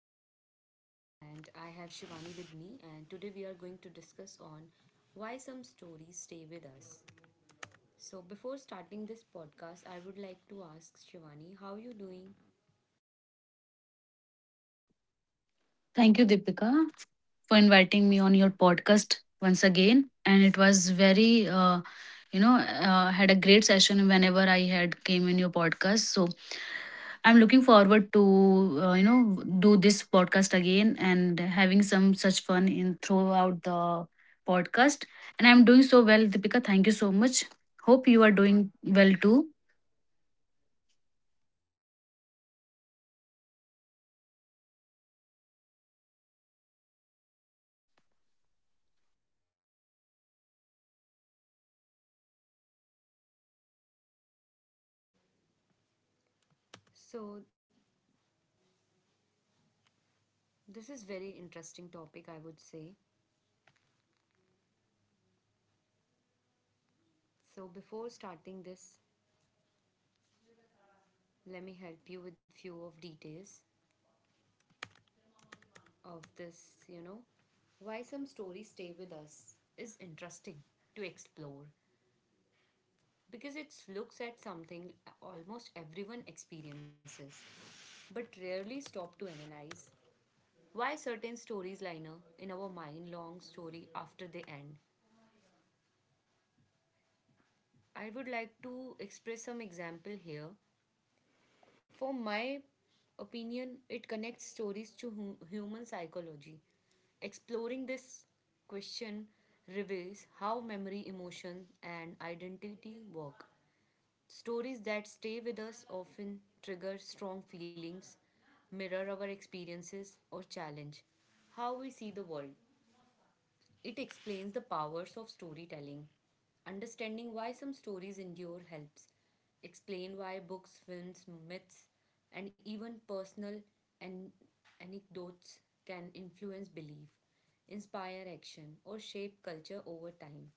is Deepika and I have Shivani with me, and today we are going to discuss on why some stories stay with us. So before starting this podcast, I would like to ask Shivani, how are you doing? Thank you, Deepika, for inviting me on your podcast once again. And it was very, you know, had a great session whenever I had came in your podcast. So I'm looking forward to, uh, you know, do this podcast again and having some such fun in throughout the podcast. And I'm doing so well, Deepika. Thank you so much. Hope you are doing well too. So this is very interesting topic, I would say. So before starting this, let me help you with few of details of this, why some stories stay with us is interesting to explore because it looks at something almost everyone experiences but rarely stop to analyze why certain stories linger in our mind long story after they end. I would like to express some example here for my opinion. It connects stories to human psychology. Exploring this question reveals how memory, emotion, and identity work. Stories that stay with us often trigger strong feelings, mirror our experiences, or challenge how we see the world. It explains the powers of storytelling. Understanding why some stories endure helps explain why books, films, myths, and even personal an- anecdotes can influence belief, inspire action, or shape culture over time.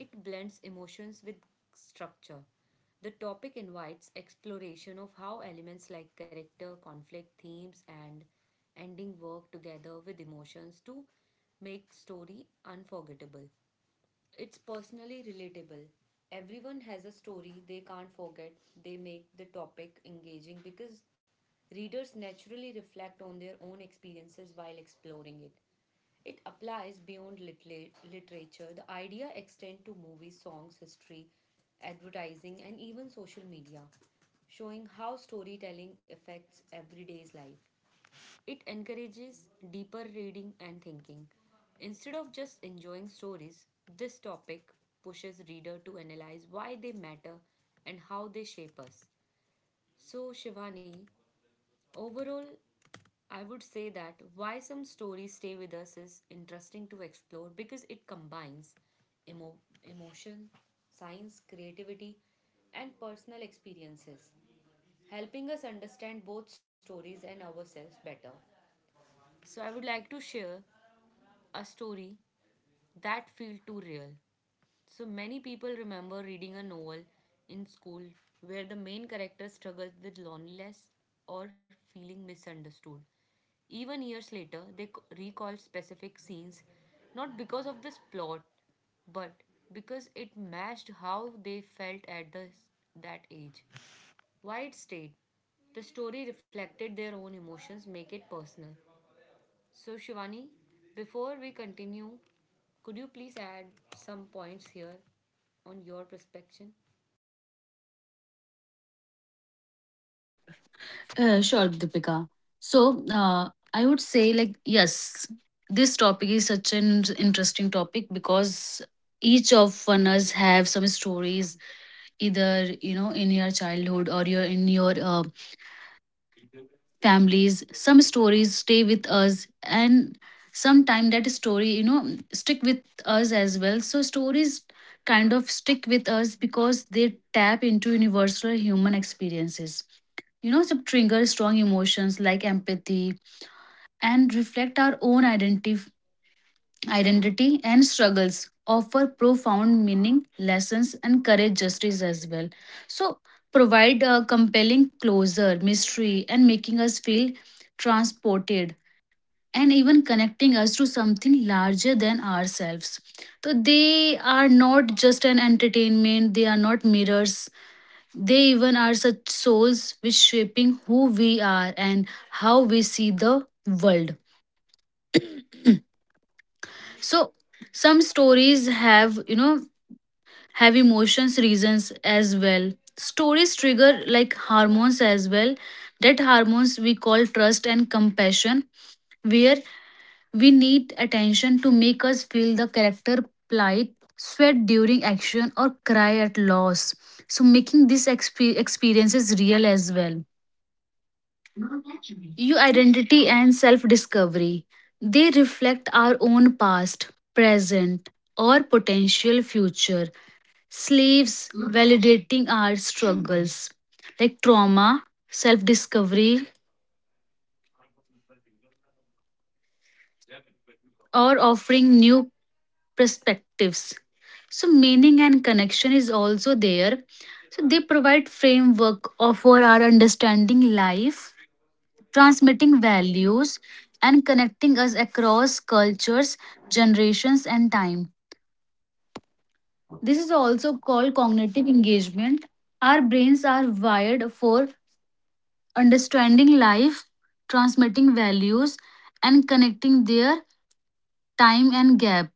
It blends emotions with structure. The topic invites exploration of how elements like character, conflict, themes, and ending work together with emotions to make story unforgettable. It's personally relatable. Everyone has a story they can't forget. They make the topic engaging because readers naturally reflect on their own experiences while exploring it. It applies beyond literature. The idea extends to movies, songs, history, advertising, and even social media, showing how storytelling affects everyday's life. It encourages deeper reading and thinking. Instead of just enjoying stories, this topic pushes reader to analyze why they matter and how they shape us. So, Shivani, overall, I would say that why some stories stay with us is interesting to explore because it combines emo- emotion, science, creativity, and personal experiences, helping us understand both stories and ourselves better. So, I would like to share a story that felt too real. So many people remember reading a novel in school where the main character struggled with loneliness or feeling misunderstood. Even years later, they recall specific scenes not because of this plot but because it matched how they felt at that age. Why it stayed. The story reflected their own emotions, make it personal. So, Shivani, before we continue, could you please add some points here on your perspective? Sure, Deepika. So, I would say, like, yes, this topic is such an interesting topic because each of one us have some stories, either in your childhood or your in your families. Some stories stay with us, and sometime that story, stick with us as well. So, stories kind of stick with us because they tap into universal human experiences, some trigger strong emotions like empathy and reflect our own identity and struggles, offer profound meaning, lessons, and courage justice as well. So, provide a compelling closure, mystery, and making us feel transported and even connecting us to something larger than ourselves. So, they are not just an entertainment, they are not mirrors, they even are such souls which shaping who we are and how we see the world. So some stories have emotions, reasons as well. Stories trigger like hormones as well. That hormones we call trust and compassion, where we need attention to make us feel the character plight, sweat during action, or cry at loss. So making these experiences real as well. Your identity and self discovery. They reflect our own past, present, or potential future. Slaves validating our struggles, like trauma, self discovery, or offering new perspectives. So, meaning and connection is also there. So, they provide framework of- for our understanding life, transmitting values, and connecting us across cultures, generations, and time. This is also called cognitive engagement. Our brains are wired for understanding life, transmitting values, and connecting their time and gap,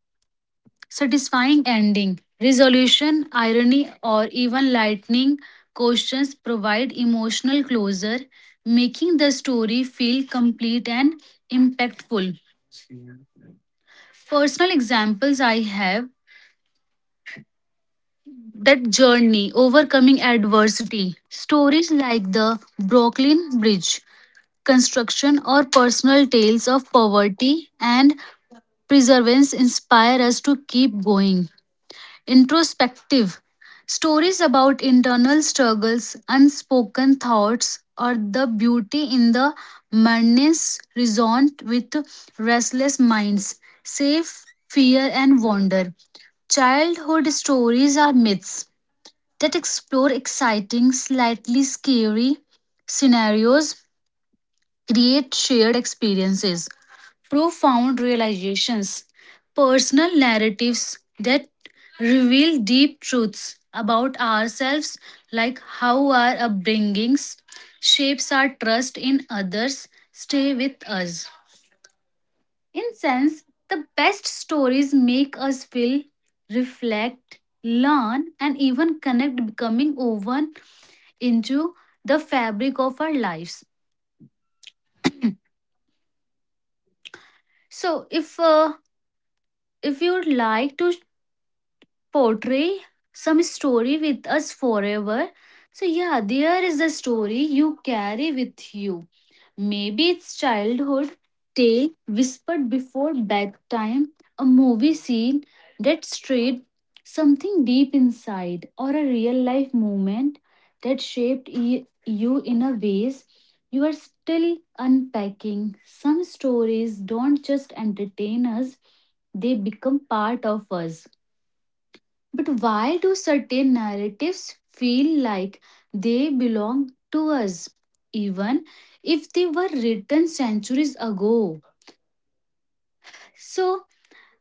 satisfying ending. Resolution, irony, or even lightning questions provide emotional closure, making the story feel complete and impactful. Personal examples I have that journey overcoming adversity. Stories like the Brooklyn Bridge construction or personal tales of poverty and perseverance inspire us to keep going introspective. Stories about internal struggles, unspoken thoughts, or the beauty in the madness resonant with restless minds, safe fear and wonder. Childhood stories are myths that explore exciting, slightly scary scenarios, create shared experiences, profound realizations, personal narratives that reveal deep truths about ourselves, like how our upbringings shapes our trust in others, stay with us. In sense, the best stories make us feel, reflect, learn, and even connect, becoming woven into the fabric of our lives. So, if you'd like to portray some story with us forever, so yeah, there is a story you carry with you. Maybe it's childhood tale whispered before bedtime, a movie scene that strayed something deep inside, or a real life moment that shaped you in a ways you are still unpacking. Some stories don't just entertain us, they become part of us. But why do certain narratives feel like they belong to us, even if they were written centuries ago? So,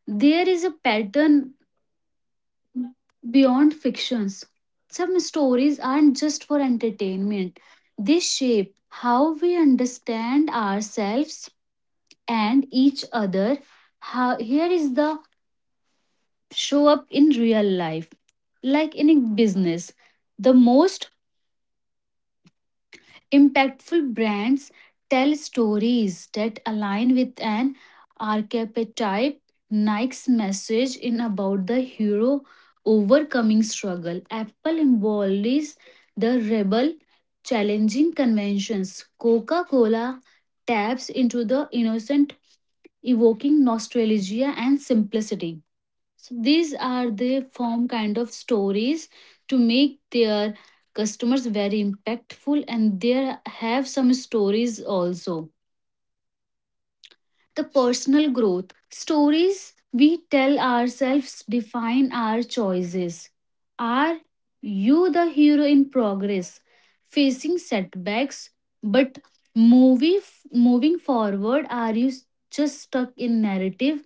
there is a pattern beyond fictions. Some stories aren't just for entertainment, they shape how we understand ourselves and each other. How, here is the show up in real life. Like in a business, the most impactful brands tell stories that align with an archetype. Nike's message in about the hero overcoming struggle. Apple embodies the rebel challenging conventions. Coca-Cola taps into the innocent, evoking nostalgia and simplicity. So these are the form kind of stories to make their customers very impactful, and there have some stories also. The personal growth stories we tell ourselves define our choices. Are you the hero in progress, facing setbacks, but movie moving forward? Are you just stuck in narrative,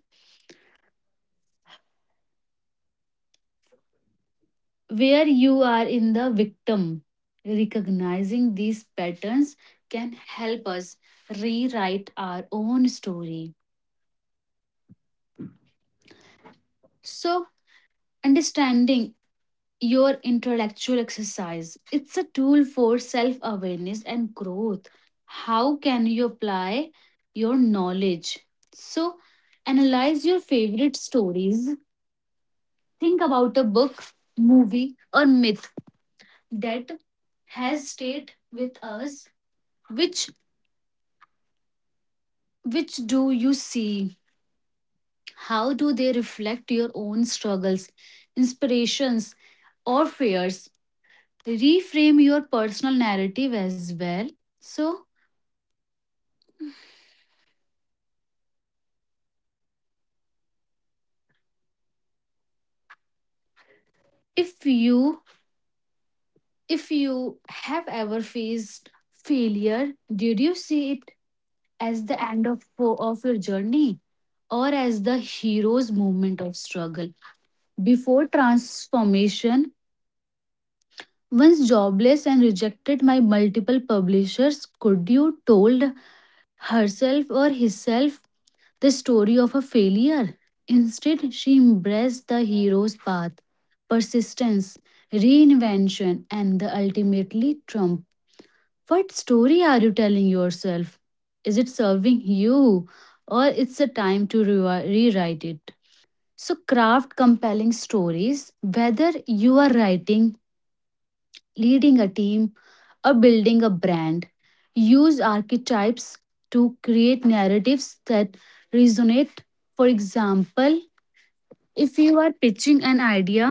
where you are in the victim? Recognizing these patterns can help us rewrite our own story. So, understanding your intellectual exercise, it's a tool for self awareness and growth. How can you apply your knowledge? So analyze your favorite stories, think about a book, movie, or myth that has stayed with us. Which Which do you see? How do they reflect your own struggles, inspirations, or fears? Reframe your personal narrative as well. So, if you if you have ever faced failure, did you see it as the end of your journey, or as the hero's moment of struggle? Before transformation, once jobless and rejected by multiple publishers, could you told herself or hisself the story of a failure. Instead, she embraced the hero's path, persistence, reinvention, and the ultimately trump. What story are you telling yourself? Is it serving you, or it's a time to rewrite it? So, craft compelling stories, whether you are writing, leading a team, or building a brand. Use archetypes to create narratives that resonate. For example, if you are pitching an idea,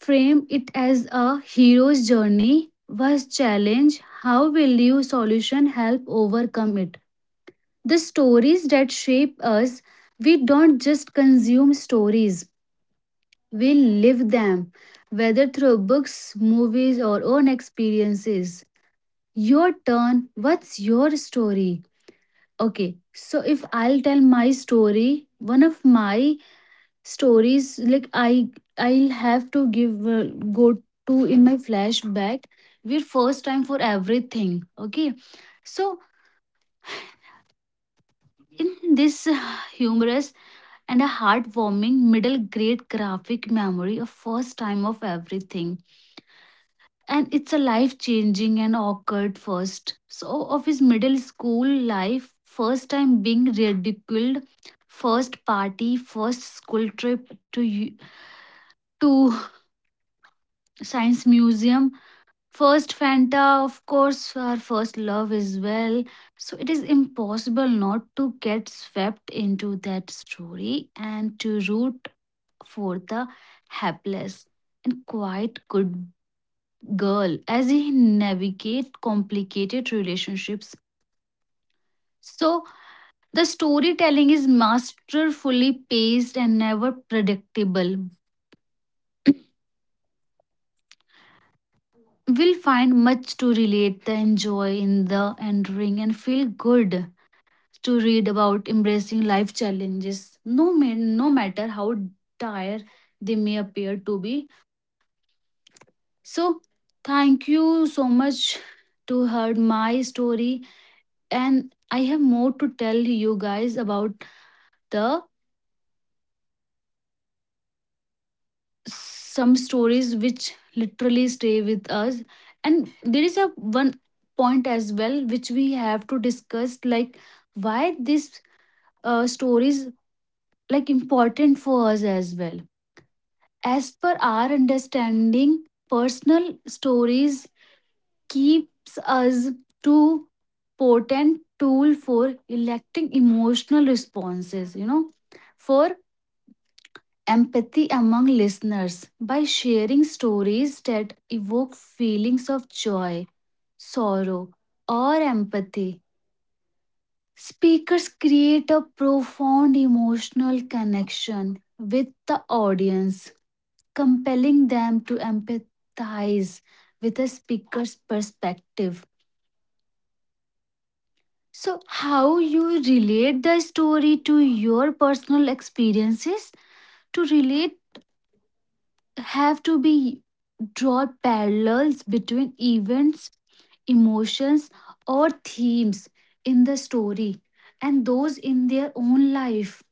frame it as a hero's journey was challenge. How will your solution help overcome it? The stories that shape us, we don't just consume stories, we live them, whether through books, movies, or own experiences. Your turn. What's your story? Okay, so if I'll tell my story, one of my stories, like I'll have to give go to in my flashback. We're first time for everything. Okay, so in this humorous and a heartwarming middle grade graphic memory of first time of everything, and it's a life changing and awkward first. So, of his middle school life, first time being ridiculed, first party, first school trip to science museum, first Fanta, of course, our first love as well. So it is impossible not to get swept into that story and to root for the hapless and quite good girl as he navigate complicated relationships. So the storytelling is masterfully paced and never predictable. We'll find much to relate the enjoy in the entering and feel good to read about embracing life challenges, no matter how dire they may appear to be. So thank you so much to heard my story, and I have more to tell you guys about the some stories which literally stay with us, and there is a one point as well which we have to discuss, like why this stories like important for us as well. As per our understanding, personal stories keeps us to potent tool for electing emotional responses, for empathy among listeners by sharing stories that evoke feelings of joy, sorrow, or empathy. Speakers create a profound emotional connection with the audience, compelling them to empathize with a speaker's perspective. So, how you relate the story to your personal experiences to relate have to be draw parallels between events, emotions, or themes in the story and those in their own life.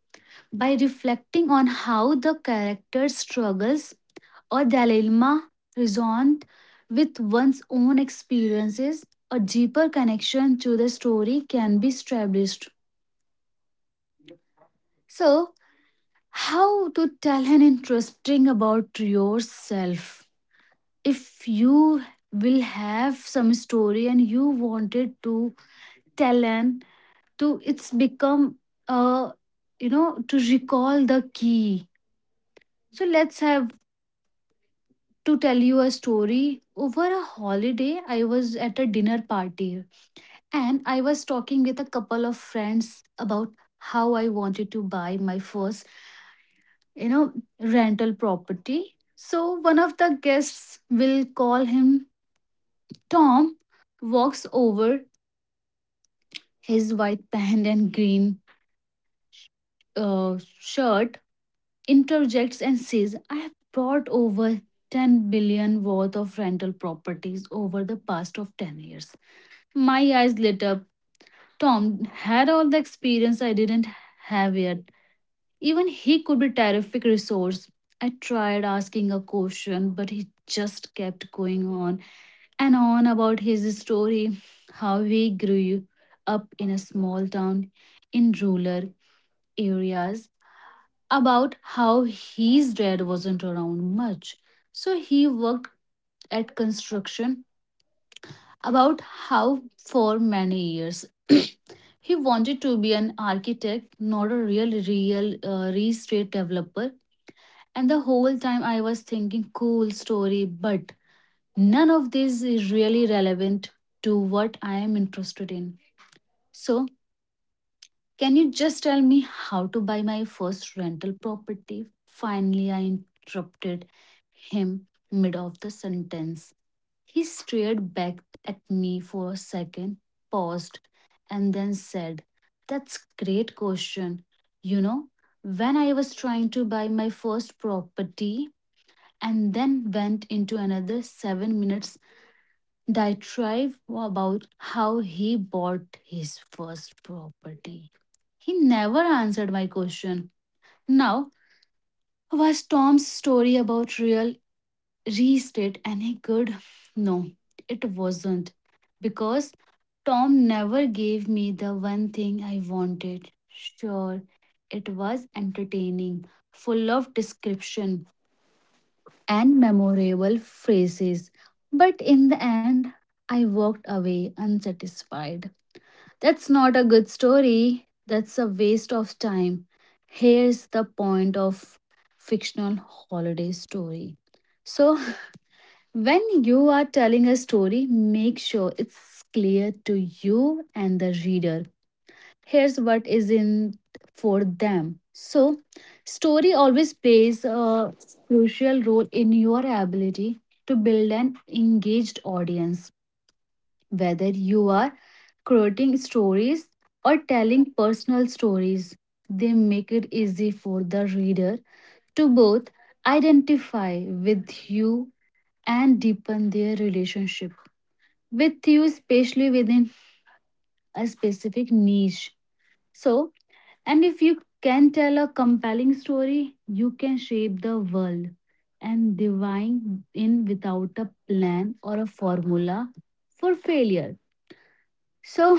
By reflecting on how the character's struggles or dilemma resonate with one's own experiences, a deeper connection to the story can be established. So, how to tell an interesting about yourself? If you will have some story and you wanted to tell an, to it's become uh to recall the key. So let's have to tell you a story. Over a holiday, I was at a dinner party, and I was talking with a couple of friends about how I wanted to buy my first, you know rental property. So one of the guests, will call him Tom, walks over. His white pant and green shirt, interjects and says, I have brought over 10 billion worth of rental properties over the past of 10 years. My eyes lit up. Tom had all the experience I didn't have yet. Even he could be a terrific resource. I tried asking a question, but he just kept going on and on about his story, how he grew up in a small town in rural areas, about how his dad wasn't around much. So he worked at construction, about how for many years. He wanted to be an architect, not a real estate developer. And the whole time I was thinking, cool story, but none of this is really relevant to what I am interested in. So can you just tell me how to buy my first rental property? Finally, I interrupted him mid of the sentence. He stared back at me for a second, paused, and then said, That's great question. You know, when I was trying to buy my first property, and then went into another 7 minutes diatribe about how he bought his first property. He never answered my question. Now, was Tom's story about real restated any good? No, it wasn't. Because Tom never gave me the one thing I wanted. Sure, it was entertaining, full of description and memorable phrases. But in the end, I walked away unsatisfied. That's not a good story. That's a waste of time. Here's the point of fictional holiday story. So, when you are telling a story, make sure it's clear to you and the reader. Here's what is in for them. Story always plays a crucial role in your ability to build an engaged audience whether you are creating stories or telling personal stories. They make it easy for the reader to both identify with you and deepen their relationship with you, especially within a specific niche. So, and if you can tell a compelling story, you can shape the world and divine in without a plan or a formula for failure. So,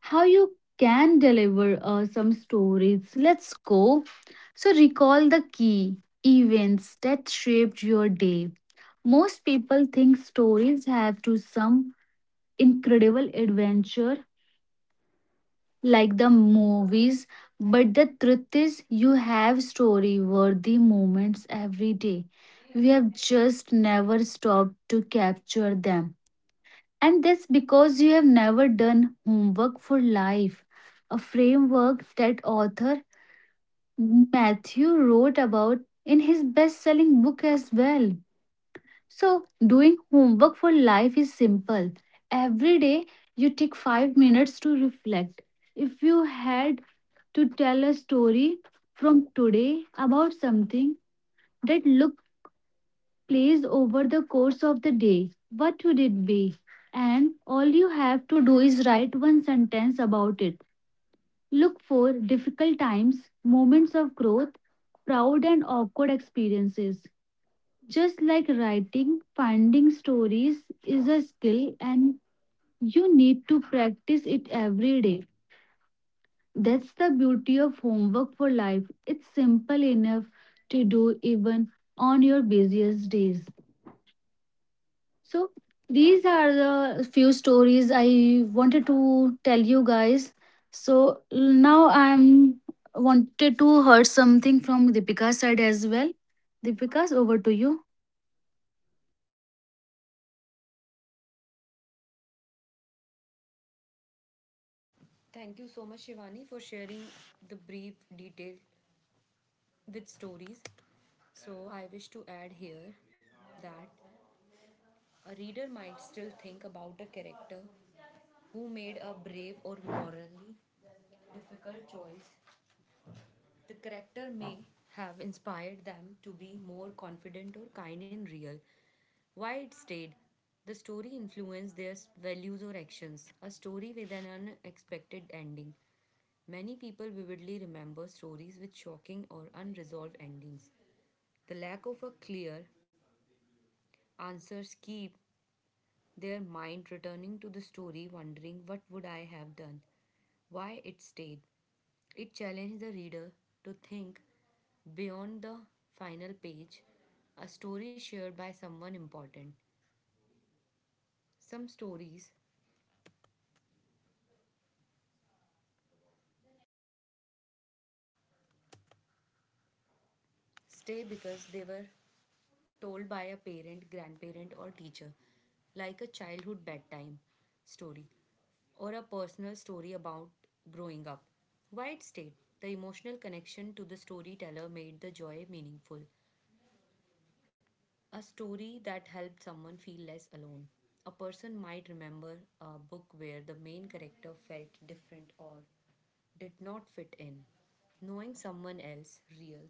how you can deliver some stories. Let's go. So, recall the key events that shaped your day. Most people think stories have to some incredible adventure like the movies, but the truth is, you have story worthy moments every day. We have just never stopped to capture them. And that's because you have never done homework for life, a framework that author Matthew wrote about in his best selling book as well. So, doing homework for life is simple. Every day, you take 5 minutes to reflect. If you had to tell a story from today about something that looked plays over the course of the day, what would it be? And all you have to do is write one sentence about it. Look for difficult times, moments of growth, proud and awkward experiences. Just like writing, finding stories is a skill and you need to practice it every day. That's the beauty of homework for life. It's simple enough to do even on your busiest days. So these are the few stories I wanted to tell you guys. So now I'm wanted to hear something from Deepika's side as well. Deepika's over to you. Thank you so much, Shivani, for sharing the brief detail with stories. So, I wish to add here that a reader might still think about a character who made a brave or morally difficult choice. The character may have inspired them to be more confident or kind in real. Why it stayed? The story influenced their values or actions. A story with an unexpected ending. Many people vividly remember stories with shocking or unresolved endings. The lack of a clear answers keep their mind returning to the story, wondering what would I have done? Why it stayed? It challenged the reader to think beyond the final page. A story shared by someone important. Some stories stay because they were told by a parent, grandparent, or teacher, like a childhood bedtime story or a personal story about growing up. Why it stayed? The emotional connection to the storyteller made the joy meaningful. A story that helped someone feel less alone. A person might remember a book where the main character felt different or did not fit in. Knowing someone else, real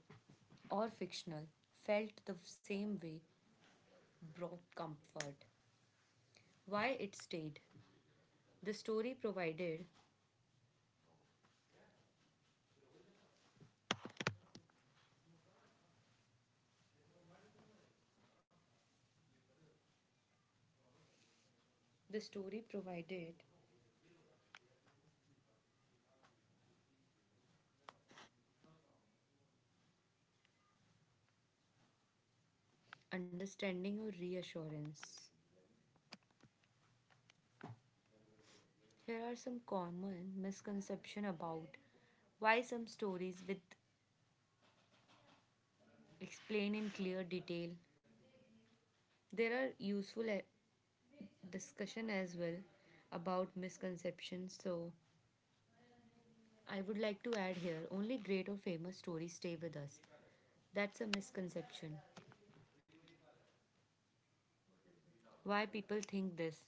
or fictional, felt the same way brought comfort. Why it stayed. The story provided, the story provided understanding or reassurance. Here are some common misconception about why some stories with explain in clear detail. There are useful discussion as well about misconceptions. So I would like to add here only great or famous stories stay with us. That's a misconception. Why people think this?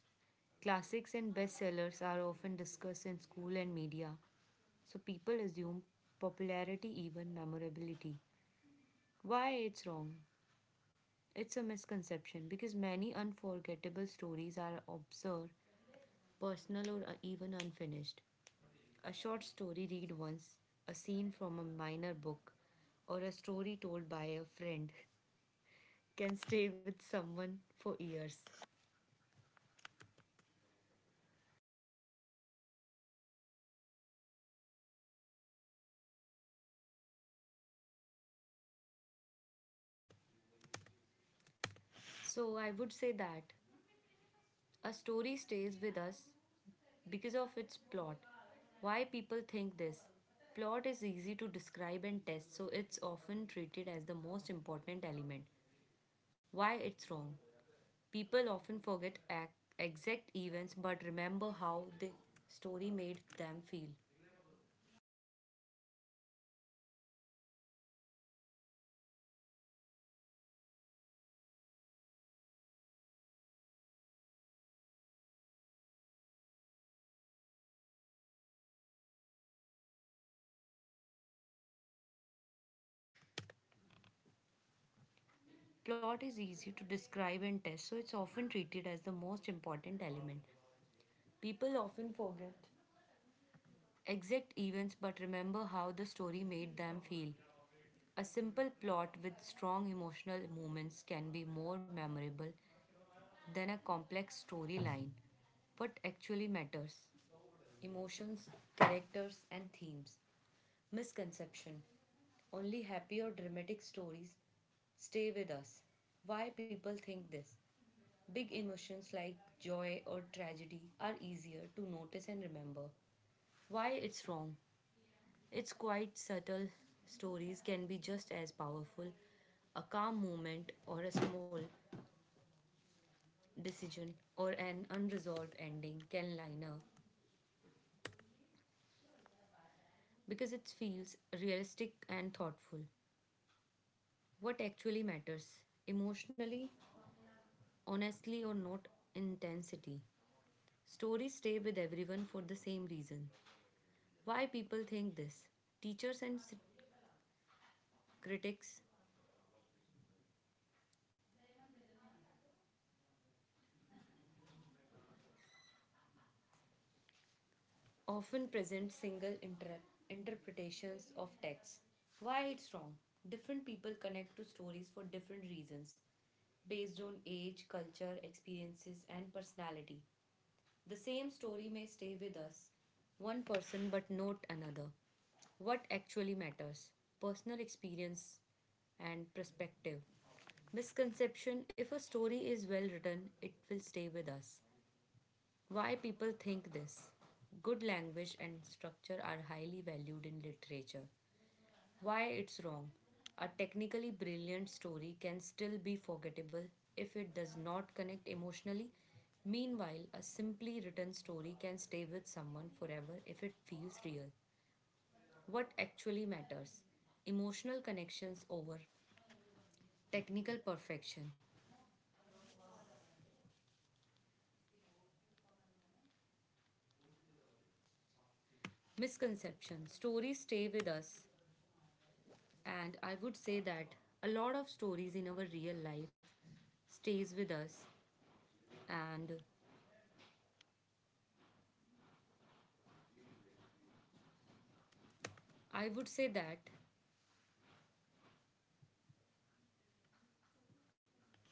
Classics and bestsellers are often discussed in school and media, so people assume popularity even memorability. Why it's wrong? It's a misconception because many unforgettable stories are obscure, personal, or even unfinished. A short story read once, a scene from a minor book, or a story told by a friend can stay with someone for years. So I would say that a story stays with us because of its plot. Why people think this? Plot is easy to describe and test, so it's often treated as the most important element. Why it's wrong? People often forget ac exact events but remember how the story made them feel. Plot is easy to describe and test, so it's often treated as the most important element. People often forget exact events but remember how the story made them feel. A simple plot with strong emotional moments can be more memorable than a complex storyline. What actually matters? Emotions, characters, and themes. Misconception. Only happy or dramatic stories stay with us. Why people think this? Big emotions like joy or tragedy are easier to notice and remember. Why it's wrong? It's quite subtle stories can be just as powerful. A calm moment or a small decision or an unresolved ending can line up because it feels realistic and thoughtful. What actually matters? Emotionally, honestly, or not intensity? Stories stay with everyone for the same reason. Why people think this? Teachers and critics often present single interpretations of texts. Why it's wrong? Different people connect to stories for different reasons based on age, culture, experiences, and personality. The same story may stay with us, one person but not another. What actually matters? Personal experience and perspective. Misconception. If a story is well written, it will stay with us. Why people think this? Good language and structure are highly valued in literature. Why it's wrong. A technically brilliant story can still be forgettable if it does not connect emotionally. Meanwhile, a simply written story can stay with someone forever if it feels real. What actually matters? Emotional connections over technical perfection. Misconception. Stories stay with us, and I would say that a lot of stories in our real life stays with us, and I would say that a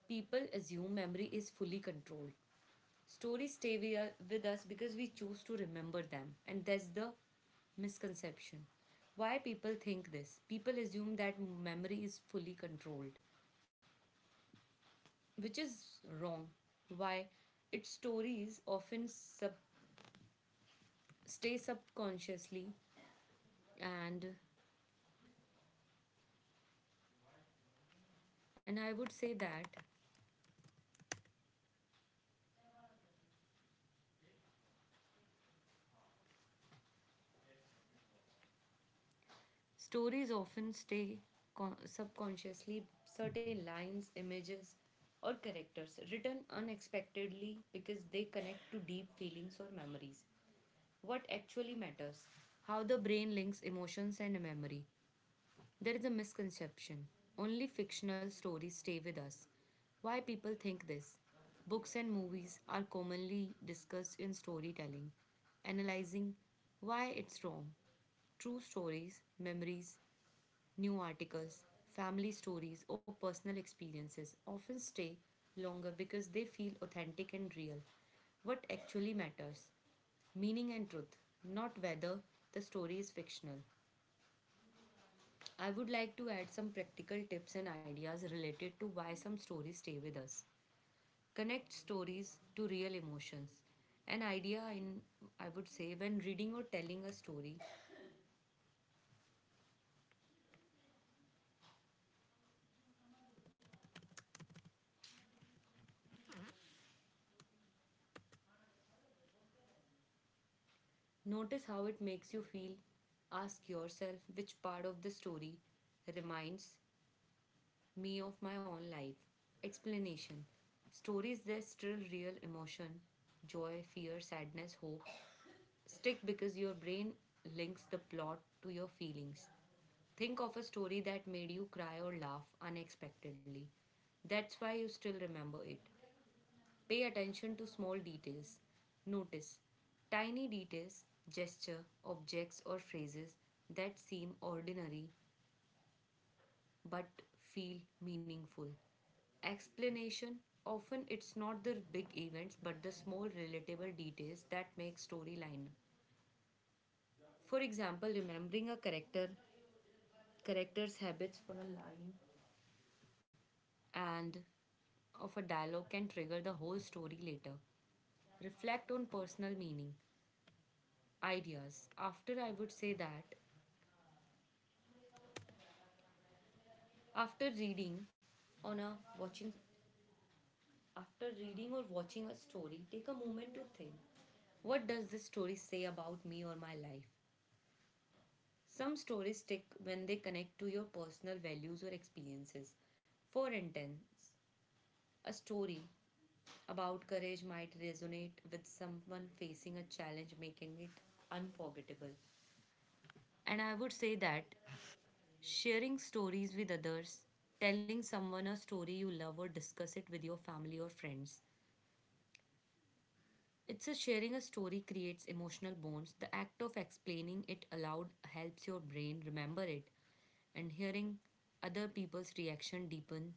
people assume memory is fully controlled. Stories stay with us because we choose to remember them, and that's the misconception. Why people think this? People assume that memory is fully controlled, which is wrong. Why? Its stories often stay subconsciously, and and I would say that stories often stay subconsciously, certain lines, images, or characters written unexpectedly because they connect to deep feelings or memories. What actually matters? How the brain links emotions and memory. There is a misconception. Only fictional stories stay with us. Why people think this? Books and movies are commonly discussed in storytelling, analyzing. Why it's wrong. True stories, memories, new articles, family stories, or personal experiences often stay longer because they feel authentic and real. What actually matters? Meaning and truth, not whether the story is fictional. I would like to add some practical tips and ideas related to why some stories stay with us. Connect stories to real emotions. An idea in, I would say, when reading or telling a story, notice how it makes you feel. Ask yourself which part of the story reminds me of my own life. Explanation. Stories that stir real emotion, joy, fear, sadness, hope. Stick because your brain links the plot to your feelings. Think of a story that made you cry or laugh unexpectedly. That's why you still remember it. Pay attention to small details. Notice tiny details, gesture, objects, or phrases that seem ordinary but feel meaningful. Explanation. Often it's not the big events but the small relatable details that make storyline. For example, remembering a character, character's habits for a line and of a dialogue can trigger the whole story later. Reflect on personal meaning. Ideas after, I would say that, after reading on a watching, after reading or watching a story, take a moment to think, what does this story say about me or my life? Some stories stick when they connect to your personal values or experiences. For instance, a story about courage might resonate with someone facing a challenge, making it unforgettable. And I would say that sharing stories with others, telling someone a story you love or discuss it with your family or friends. It's a sharing a story creates emotional bonds. The act of explaining it aloud helps your brain remember it, and hearing other people's reaction deepen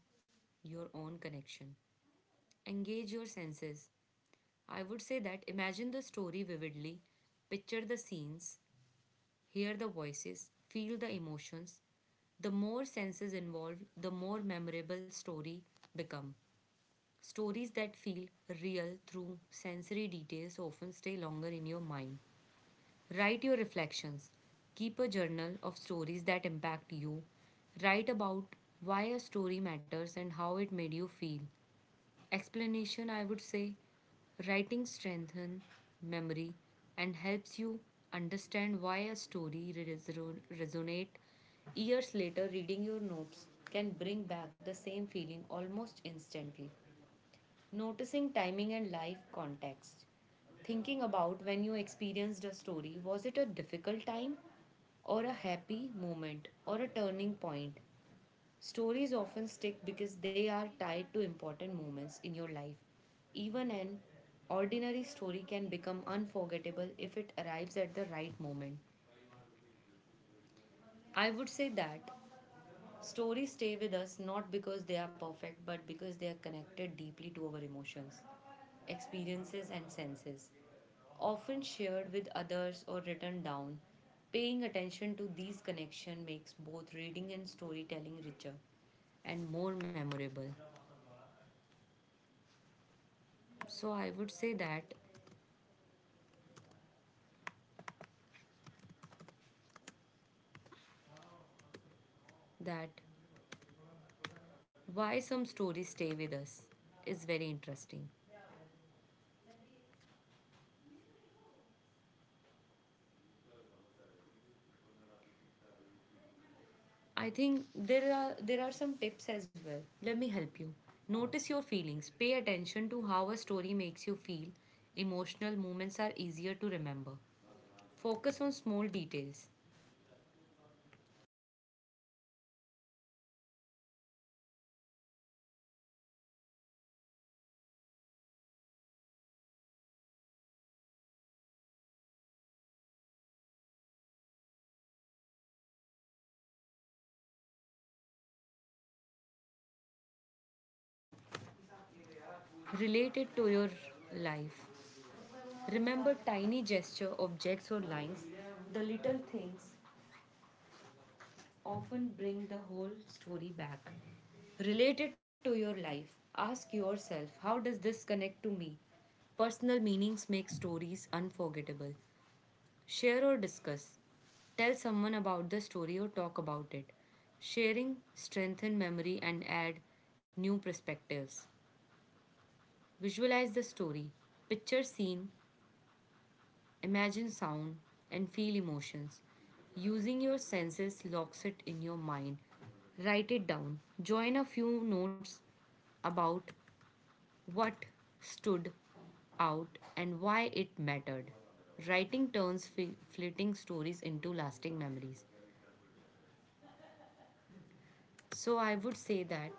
your own connection. Engage your senses. I would say that imagine the story vividly, picture the scenes, hear the voices, feel the emotions. The more senses involved, the more memorable story become. Stories that feel real through sensory details often stay longer in your mind. Write your reflections. Keep a journal of stories that impact you. Write about why a story matters and how it made you feel. Explanation, I would say writing strengthens memory and helps you understand why a story resonate years later. Reading your notes can bring back the same feeling almost instantly. Noticing timing and life context, thinking about when you experienced a story: was it a difficult time or a happy moment or a turning point? Stories often stick because they are tied to important moments in your life. Even an ordinary story can become unforgettable if it arrives at the right moment. I would say that stories stay with us not because they are perfect but because they are connected deeply to our emotions, experiences, and senses. Often shared with others or written down, paying attention to these connections makes both reading and storytelling richer and more memorable. So I would say that that why some stories stay with us is very interesting. I think there are some tips as well. Let me help you. Notice your feelings. Pay attention to how a story makes you feel. Emotional moments are easier to remember. Focus on small details. Relate it to your life. Remember tiny gesture, objects or lines, the little things often bring the whole story back. Relate it to your life. Ask yourself, how does this connect to me? Personal meanings make stories unforgettable. Share or discuss. Tell someone about the story or talk about it. Sharing strengthen memory and add new perspectives. Visualize the story. Picture scene, imagine sound and feel emotions. Using your senses locks it in your mind. Write it down. Join a few notes about what stood out and why it mattered. Writing turns fleeting stories into lasting memories. So I would say that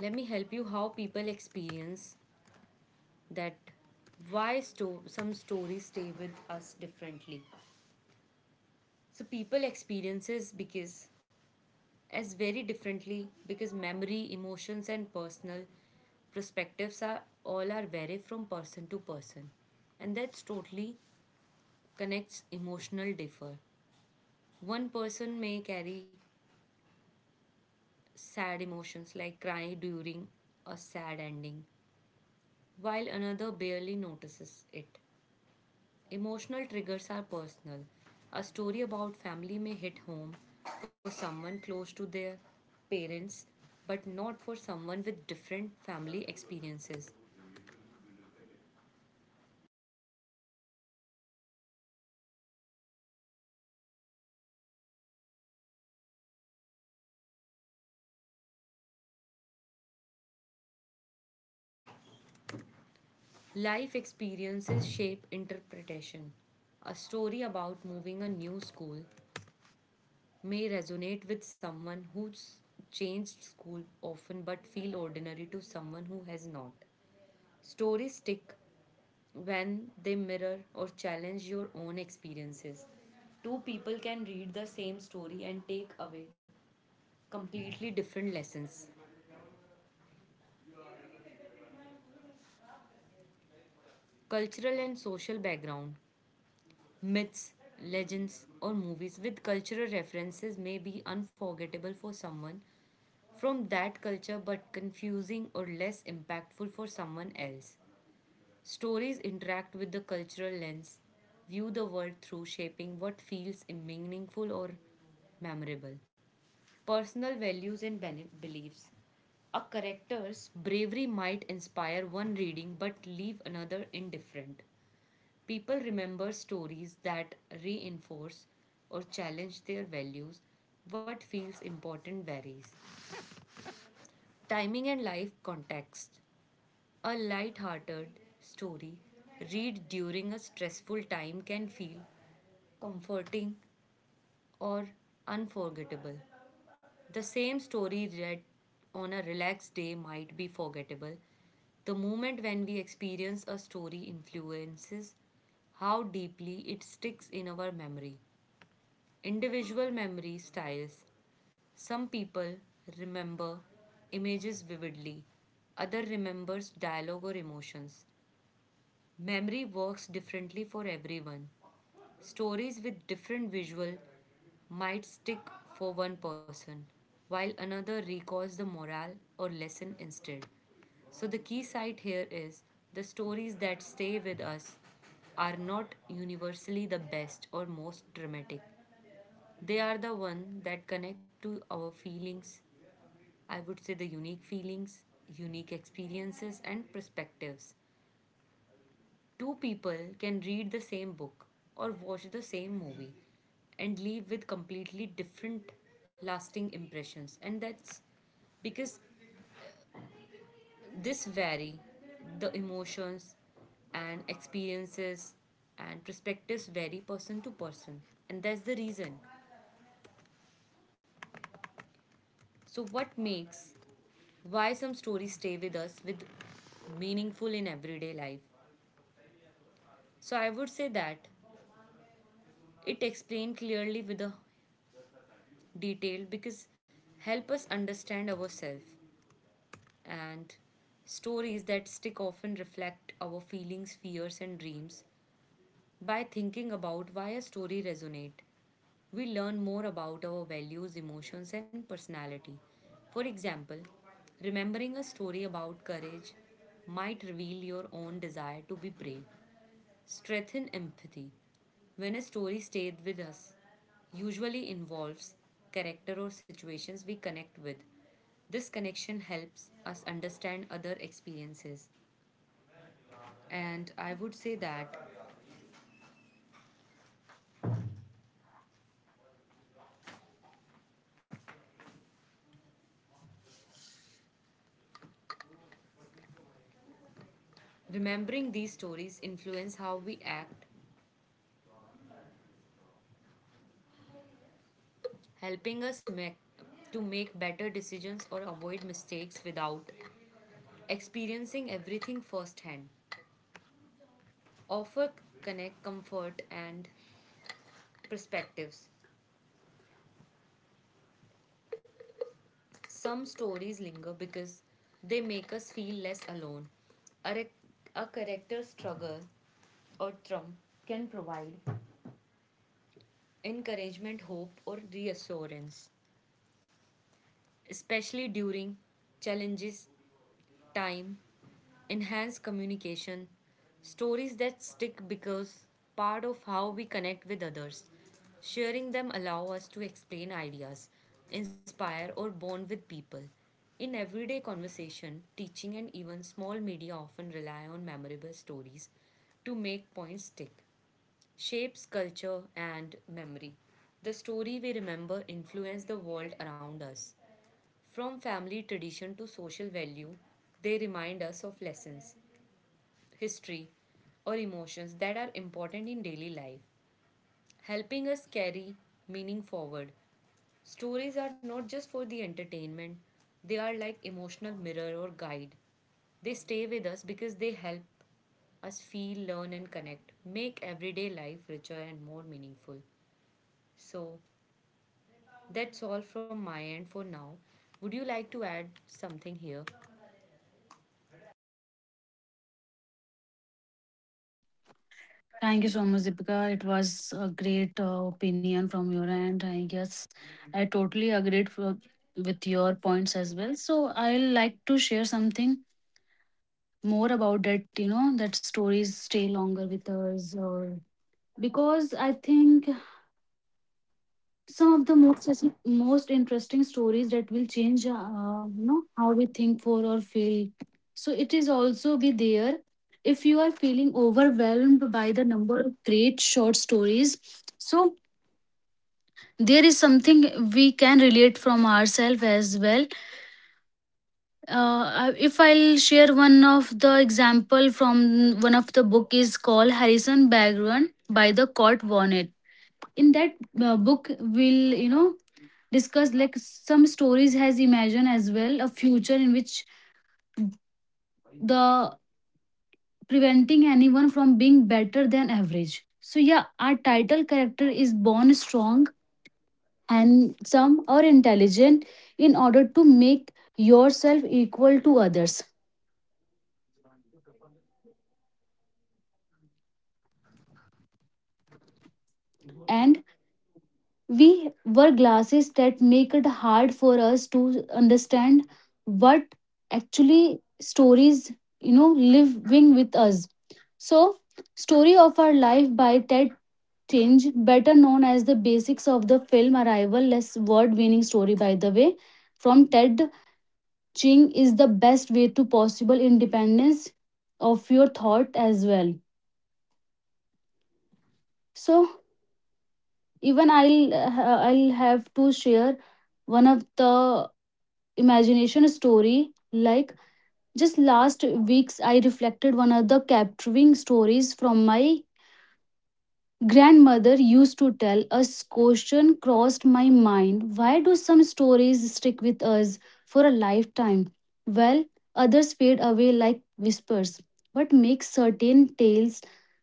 let me help you how people experience that why some stories stay with us differently. So people experiences because as very differently because memory, emotions, and personal perspectives are all are vary from person to person, and that's totally connects emotional differ. One person may carry sad emotions like cry during a sad ending, while another barely notices it. Emotional triggers are personal. A story about family may hit home for someone close to their parents, but not for someone with different family experiences. Life experiences shape interpretation. A story about moving a new school may resonate with someone who's changed school often but feel ordinary to someone who has not. Stories stick when they mirror or challenge your own experiences. Two people can read the same story and take away completely different lessons. Cultural and social background, myths, legends, or movies with cultural references may be unforgettable for someone from that culture but confusing or less impactful for someone else. Stories interact with the cultural lens, view the world through shaping what feels meaningful or memorable. Personal values and beliefs. A character's bravery might inspire one reading but leave another indifferent. People remember stories that reinforce or challenge their values. What feels important varies. Timing and life context. A light-hearted story read during a stressful time can feel comforting or unforgettable. The same story read on a relaxed day might be forgettable. The moment when we experience a story influences how deeply it sticks in our memory. Individual memory styles. Some people remember images vividly, other remembers dialogue or emotions. Memory works differently for everyone. Stories with different visual might stick for one person, while another recalls the morale or lesson instead. So, the key sight here is the stories that stay with us are not universally the best or most dramatic. They are the one that connect to our feelings, I would say the unique feelings, unique experiences and perspectives. Two people can read the same book or watch the same movie and leave with completely different lasting impressions, and that's because this vary, the emotions and experiences and perspectives vary person to person, and that's the reason. So what makes why some stories stay with us with meaningful in everyday life, so I would say that it explained clearly with a detailed because help us understand ourselves. And stories that stick often reflect our feelings, fears and dreams. By thinking about why a story resonate, we learn more about our values, emotions and personality. For example, remembering a story about courage might reveal your own desire to be brave. Strengthen empathy. When a story stays with us, usually involves character or situations we connect with. This connection helps us understand other experiences. And I would say that remembering these stories influence how we act, helping us make better decisions or avoid mistakes without experiencing everything firsthand. Offer connect, comfort and perspectives. Some stories linger because they make us feel less alone. A, rec- a character's struggle or trump can provide encouragement, hope, or reassurance, especially during challenges time. Enhance communication, stories that stick because part of how we connect with others. Sharing them allow us to explain ideas, inspire or bond with people. In everyday conversation, teaching and even small media often rely on memorable stories to make points stick. Shapes culture and memory. The story we remember influence the world around us. From family tradition to social value, they remind us of lessons, history, or emotions that are important in daily life, helping us carry meaning forward. Stories are not just for the entertainment, they are like emotional mirror or guide. They stay with us because they help us feel, learn, and connect, make everyday life richer and more meaningful. So, that's all from my end for now. Would you like to add something here? Thank you so much, Deepika. It was a great opinion from your end. I guess I totally agreed for, with your points as well. So I like to share something more about that. You know that stories stay longer with us, or because I think some of the most interesting stories that will change you know how we think for or feel. So it is also be there if you are feeling overwhelmed by the number of great short stories. So there is something we can relate from ourselves as well. If I'll share one of the example from one of the book is called harrison bagrun by the Kurt Vonnegut. In that book will you know discussed like some stories has imagined as well a future in which the preventing anyone from being better than average. So yeah, our title character is born strong and some are intelligent in order to make yourself equal to others, and we wear glasses that make it hard for us to understand what actually stories you know living with us. So story of our life by ted Tinge, better known as the basics of the film Arrival, less word winning story by the way, from Ted Ching is the best way to possible independence of your thought as well. So even I'll have to share one of the imagination story like just last weeks I reflected one of the capturing stories from my Grandmother used to tell us. Question crossed my mind, why do some stories stick with us for a lifetime? Well, others fade away like whispers. What makes certain tales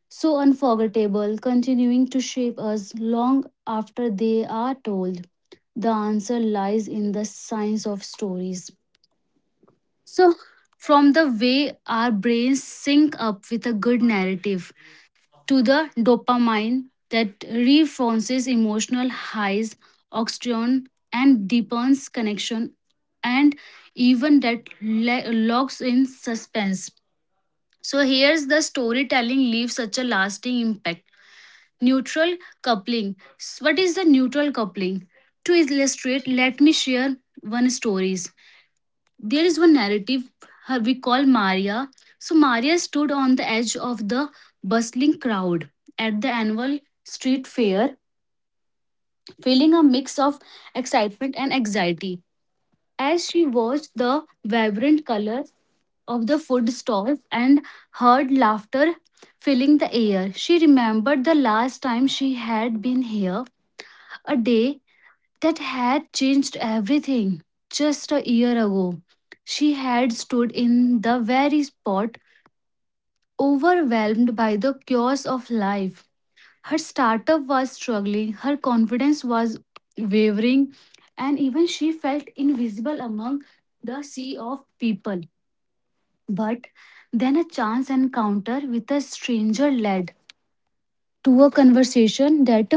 so unforgettable, continuing to shape us long after they are told? The answer lies in the science of stories. So from the way our brains sync up with a good narrative, to the dopamine that reinforces emotional highs, oxytocin, and deepens connection, and even locks in suspense. So here's the storytelling leaves such a lasting impact. Neutral coupling. What is the neutral coupling? To illustrate, let me share one stories. There is one narrative we call Maria. So Maria stood on the edge of the bustling crowd at the annual street fair, feeling a mix of excitement and anxiety as she watched the vibrant colors of the food stalls and heard laughter filling the air. She remembered the last time she had been here, a day that had changed everything. Just a year ago, she had stood in the very spot, overwhelmed by the chaos of life. Her startup was struggling, her confidence was wavering, and even she felt invisible among the sea of people. But then a chance encounter with a stranger led to a conversation that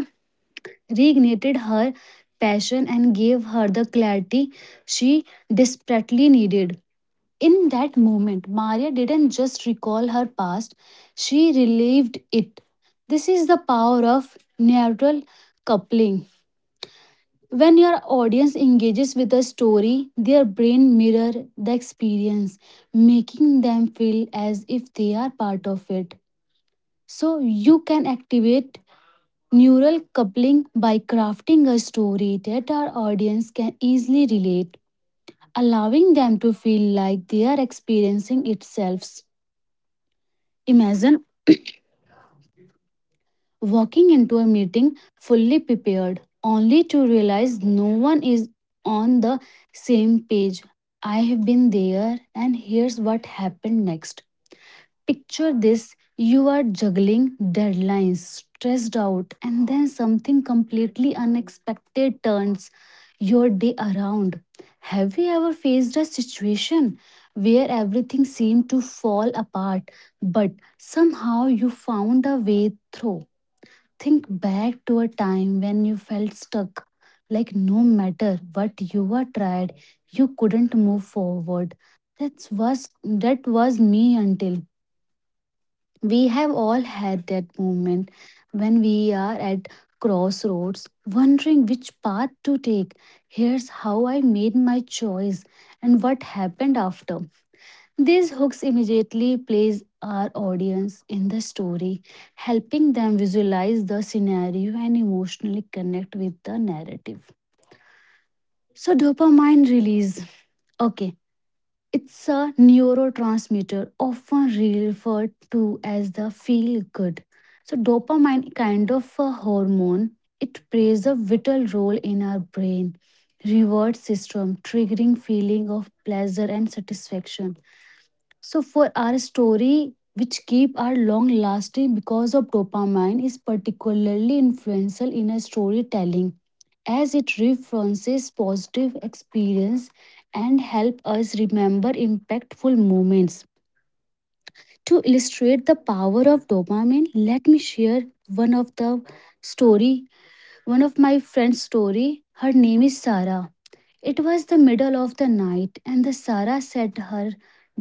reignited her passion and gave her the clarity she desperately needed. In that moment, Maria didn't just recall her past, she relived it. This is the power of neural coupling. When your audience engages with a story, their brain mirrors the experience, making them feel as if they are part of it. So you can activate neural coupling by crafting a story that our audience can easily relate, allowing them to feel like they are experiencing itself. Imagine walking into a meeting fully prepared, only to realize no one is on the same page. I have been there, and here's what happened next. Picture this, you are juggling deadlines, stressed out, and then something completely unexpected turns your day around. Have you ever faced a situation where everything seemed to fall apart, but somehow you found a way through? Think back to a time when you felt stuck, like no matter what you were tried, you couldn't move forward. That was that was me until we have all had that moment when we are at crossroads, wondering which path to take. Here's how I made my choice and what happened after. These hooks immediately place our audience in the story, helping them visualize the scenario and emotionally connect with the narrative. So, dopamine release. Okay, it's a neurotransmitter often referred to as the feel good. So, dopamine kind of a hormone. It plays a vital role in our brain reward system, triggering feeling of pleasure and satisfaction. So, for our story, which keep are long lasting because of dopamine, is particularly influential in a storytelling as it references positive experience and help us remember impactful moments. To illustrate the power of dopamine, let me share one of the story, one of my friend's story. Her name is Sarah. It was the middle of the night and the Sarah sat her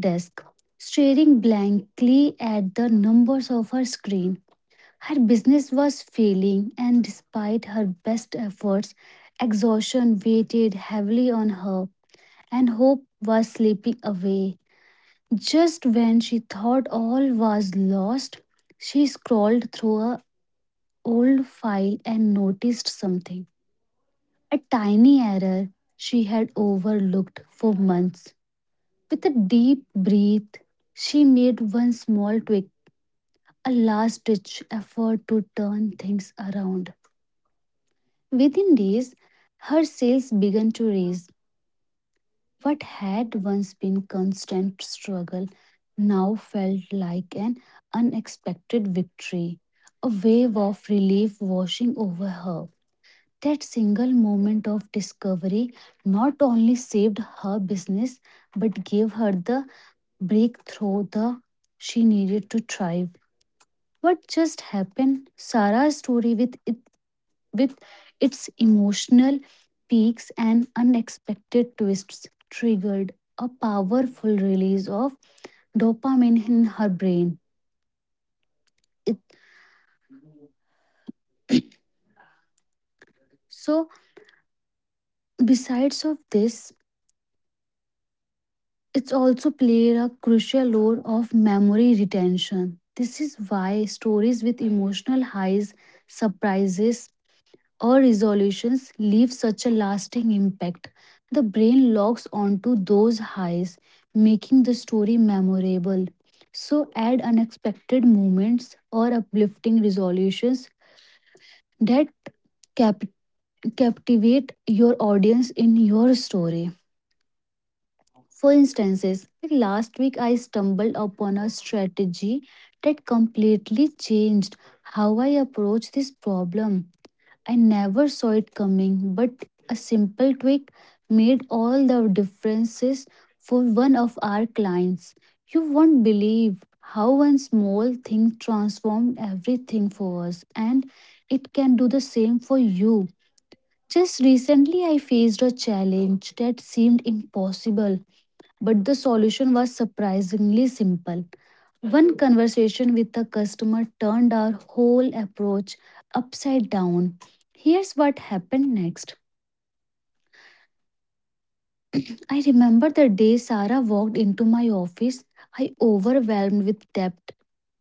desk staring blankly at the numbers of her screen. Her business was failing, and despite her best efforts, exhaustion weighted heavily on her, and hope was slipping away. Just when she thought all was lost, she scrolled through her old file and noticed something, a tiny error she had overlooked for months. With a deep breath, she made one small tweak, a last ditch effort to turn things around. Within days, her sales began to rise. What had once been constant struggle now felt like an unexpected victory. A wave of relief washing over her. That single moment of discovery not only saved her business but gave her the breakthrough the she needed to thrive. What just happened? Sarah's story with its emotional peaks and unexpected twists triggered a powerful release of dopamine in her brain it. So besides of this, it's also played a crucial role of memory retention. This is why stories with emotional highs, surprises, our resolutions leave such a lasting impact. The brain locks onto those highs, making the story memorable. So, add unexpected moments or uplifting resolutions that cap- captivate your audience in your story. For instances, like last week I stumbled upon a strategy that completely changed how I approach this problem. I never saw it coming, but a simple tweak made all the differences for one of our clients. You won't believe how one small thing transformed everything for us, and it can do the same for you. Just recently, I faced a challenge that seemed impossible, but the solution was surprisingly simple. One conversation with a customer turned our whole approach upside down. Here's what happened next. I remember the day Sarah walked into my office. I overwhelmed with debt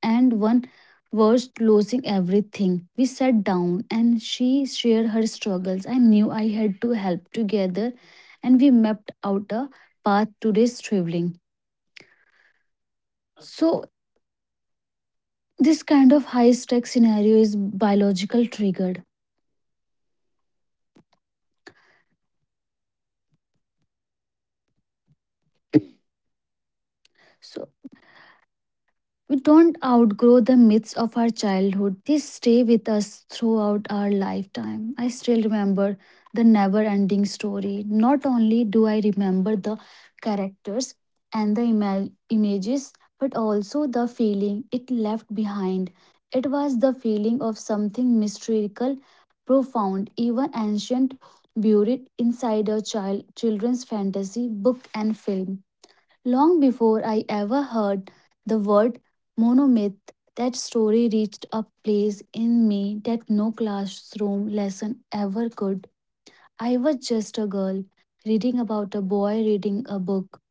and one was losing everything. We sat down and she shared her struggles. I knew I had to help together, and we mapped out a path to this traveling. So this kind of high stake scenario is biological triggered. So we don't outgrow the myths of our childhood. They stay with us throughout our lifetime. I still remember the never ending story. Not only do I remember the characters and the images, but also the feeling it left behind. It was the feeling of something mystical, profound, even ancient, buried inside a child children's fantasy book and film. Long before I ever heard the word monomyth, that story reached a place in me that no classroom lesson ever could. I was just a girl reading about a boy reading a book.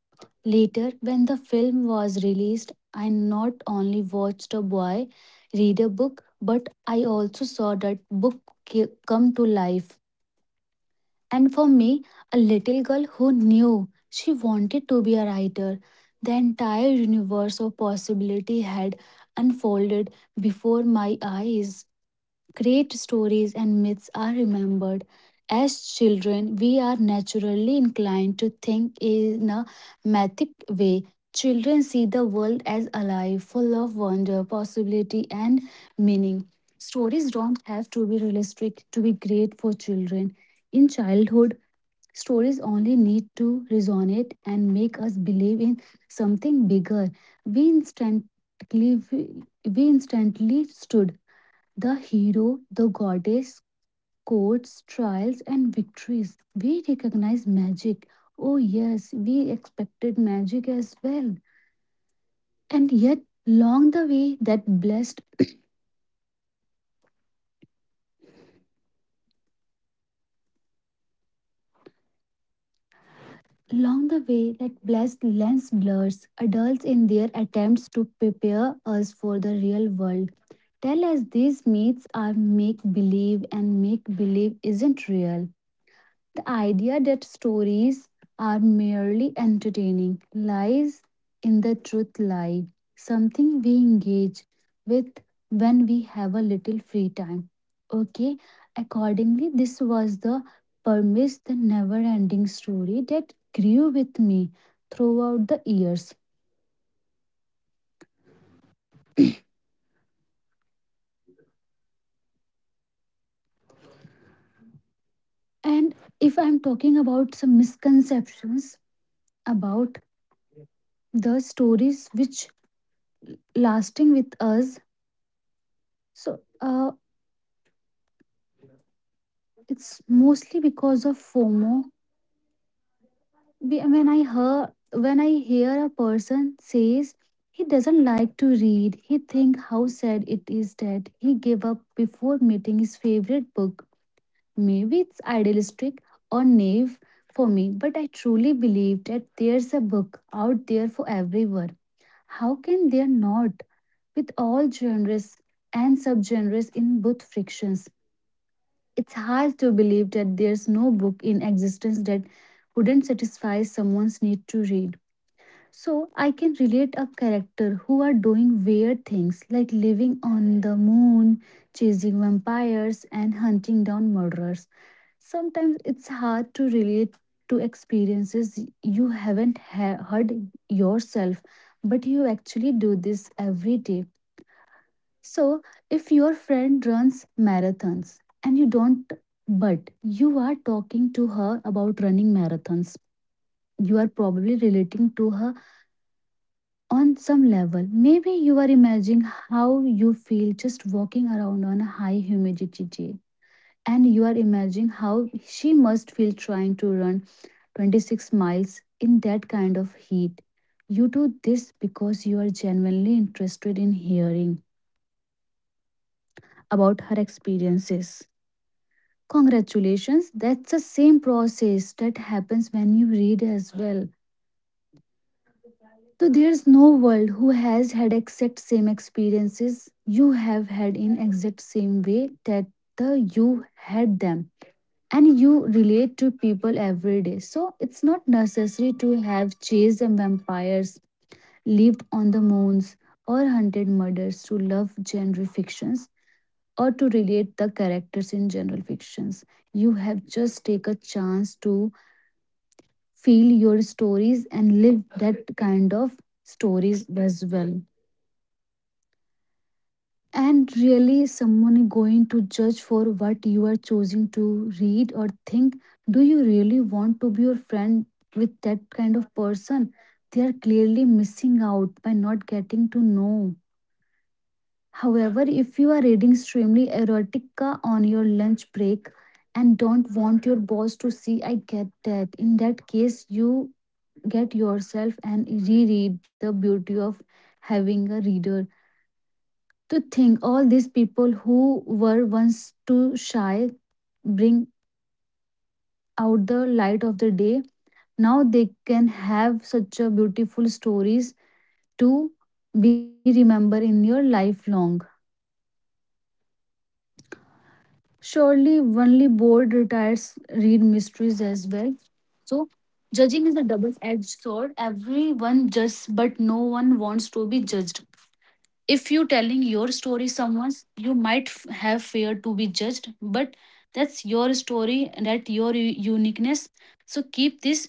Later, when the film was released, I not only watched a boy read a book, but I also saw that book come to life. And for me, a little girl who knew she wanted to be a writer, the entire universe of possibility had unfolded before my eyes. Great stories and myths are remembered. As children, we are naturally inclined to think in a mythic way. Children see the world as alive, full of wonder, possibility, and meaning. Stories don't have to be realistic to be great for children. In childhood, stories only need to resonate and make us believe in something bigger. We instantly stood the hero, the goddess, courts, trials, and victories. We recognize magic. Oh yes, we expected magic as well. And yet, long the way that blessed long the way, that blessed lens blurs adults in their attempts to prepare us for the real world. Tell us these myths are make believe and make believe isn't real. The idea that stories are merely entertaining lies in the truth lie, something we engage with when we have a little free time. Okay, accordingly, this was the premise, the never ending story that grew with me throughout the years. And if I'm talking about some misconceptions about the stories which lasting with us, so it's mostly because of fomo. When I hear when I hear a person says he doesn't like to read, he think how sad it is that he gave up before meeting his favorite book. Maybe it's idealistic or naive for me, but I truly believe that there's a book out there for everyone. How can there not, with all genres and subgenres in both frictions. It's hard to believe that there's no book in existence that wouldn't satisfy someone's need to read. So I can relate a character who are doing weird things like living on the moon, chasing vampires, and hunting down murderers. Sometimes it's hard to relate to experiences you haven't ha- heard yourself, but you actually do this every day. So, if your friend runs marathons and you don't, but you are talking to her about running marathons, you are probably relating to her on some level. Maybe you are imagining how you feel just walking around on a high humidity day. And you are imagining how she must feel trying to run 26 miles in that kind of heat. You do this because you are genuinely interested in hearing about her experiences. Congratulations, that's the same process that happens when you read as well. So there's no world who has had exact same experiences you have had in exact same way that the you had them, and you relate to people every day. So it's not necessary to have chased vampires, lived on the moons or hunted murders to love genre fictions or to relate the characters in general fictions. You have just take a chance to feel your stories and live that kind of stories as well. And really, someone is going to judge for what you are choosing to read or think. Do you really want to be your friend with that kind of person? They are clearly missing out by not getting to know. However, if you are reading extremely erotica on your lunch break and don't want your boss to see, I get that. In that case, you get yourself and reread the beauty of having a reader. To think all these people who were once too shy bring out the light of the day. Now they can have such a beautiful stories to be remembered in your life long. Surely only bored retirees read mysteries as well. So judging is a double-edged sword. Everyone judges, but no one wants to be judged. If you telling your story someone's, you might have fear to be judged, but that's your story, that your uniqueness, so keep this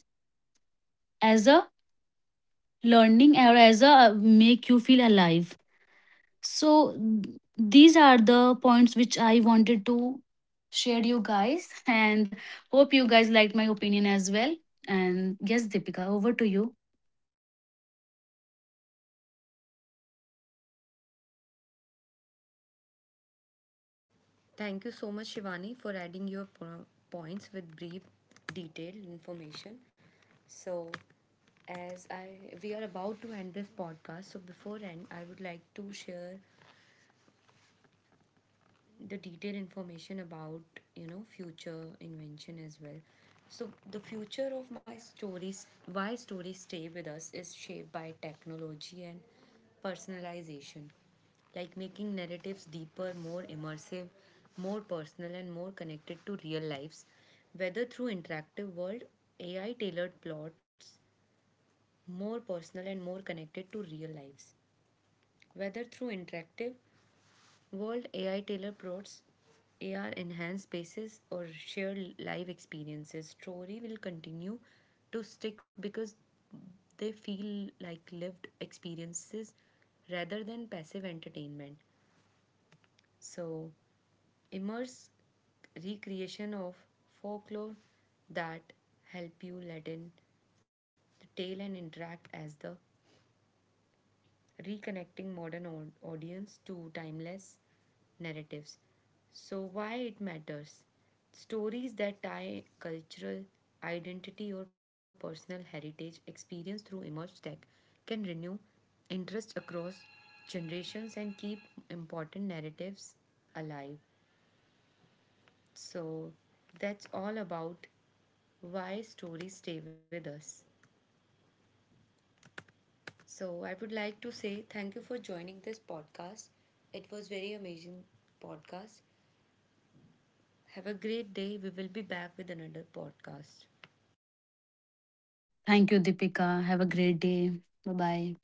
as a learning or as a make you feel alive. So these are the points which I wanted to share you guys, and hope you guys liked my opinion as well. And yes, Deepika, over to you. Thank you so much, Shivani, for adding your points with brief, detailed information. So, as I we are about to end this podcast, so before end, I would like to share the detailed information about you know future invention as well. So the future of my stories, why stories stay with us, is shaped by technology and personalization, like making narratives deeper, more immersive, more personal and more connected to real lives, whether through interactive world, AI tailored plots, more personal and more connected to real lives, whether through interactive World AI Taylor plots, AR enhanced spaces or shared live experiences. Story will continue to stick because they feel like lived experiences rather than passive entertainment. So, immerse recreation of folklore that help you let in the tale and interact as the reconnecting modern audience to timeless narratives. So, why it matters? Stories that tie cultural identity or personal heritage experience through immersed tech can renew interest across generations and keep important narratives alive. So, that's all about why stories stay with us. So, I would like to say thank you for joining this podcast. It was very amazing podcast. Have a great day. We will be back with another podcast. Thank you Deepika, have a great day. Bye bye.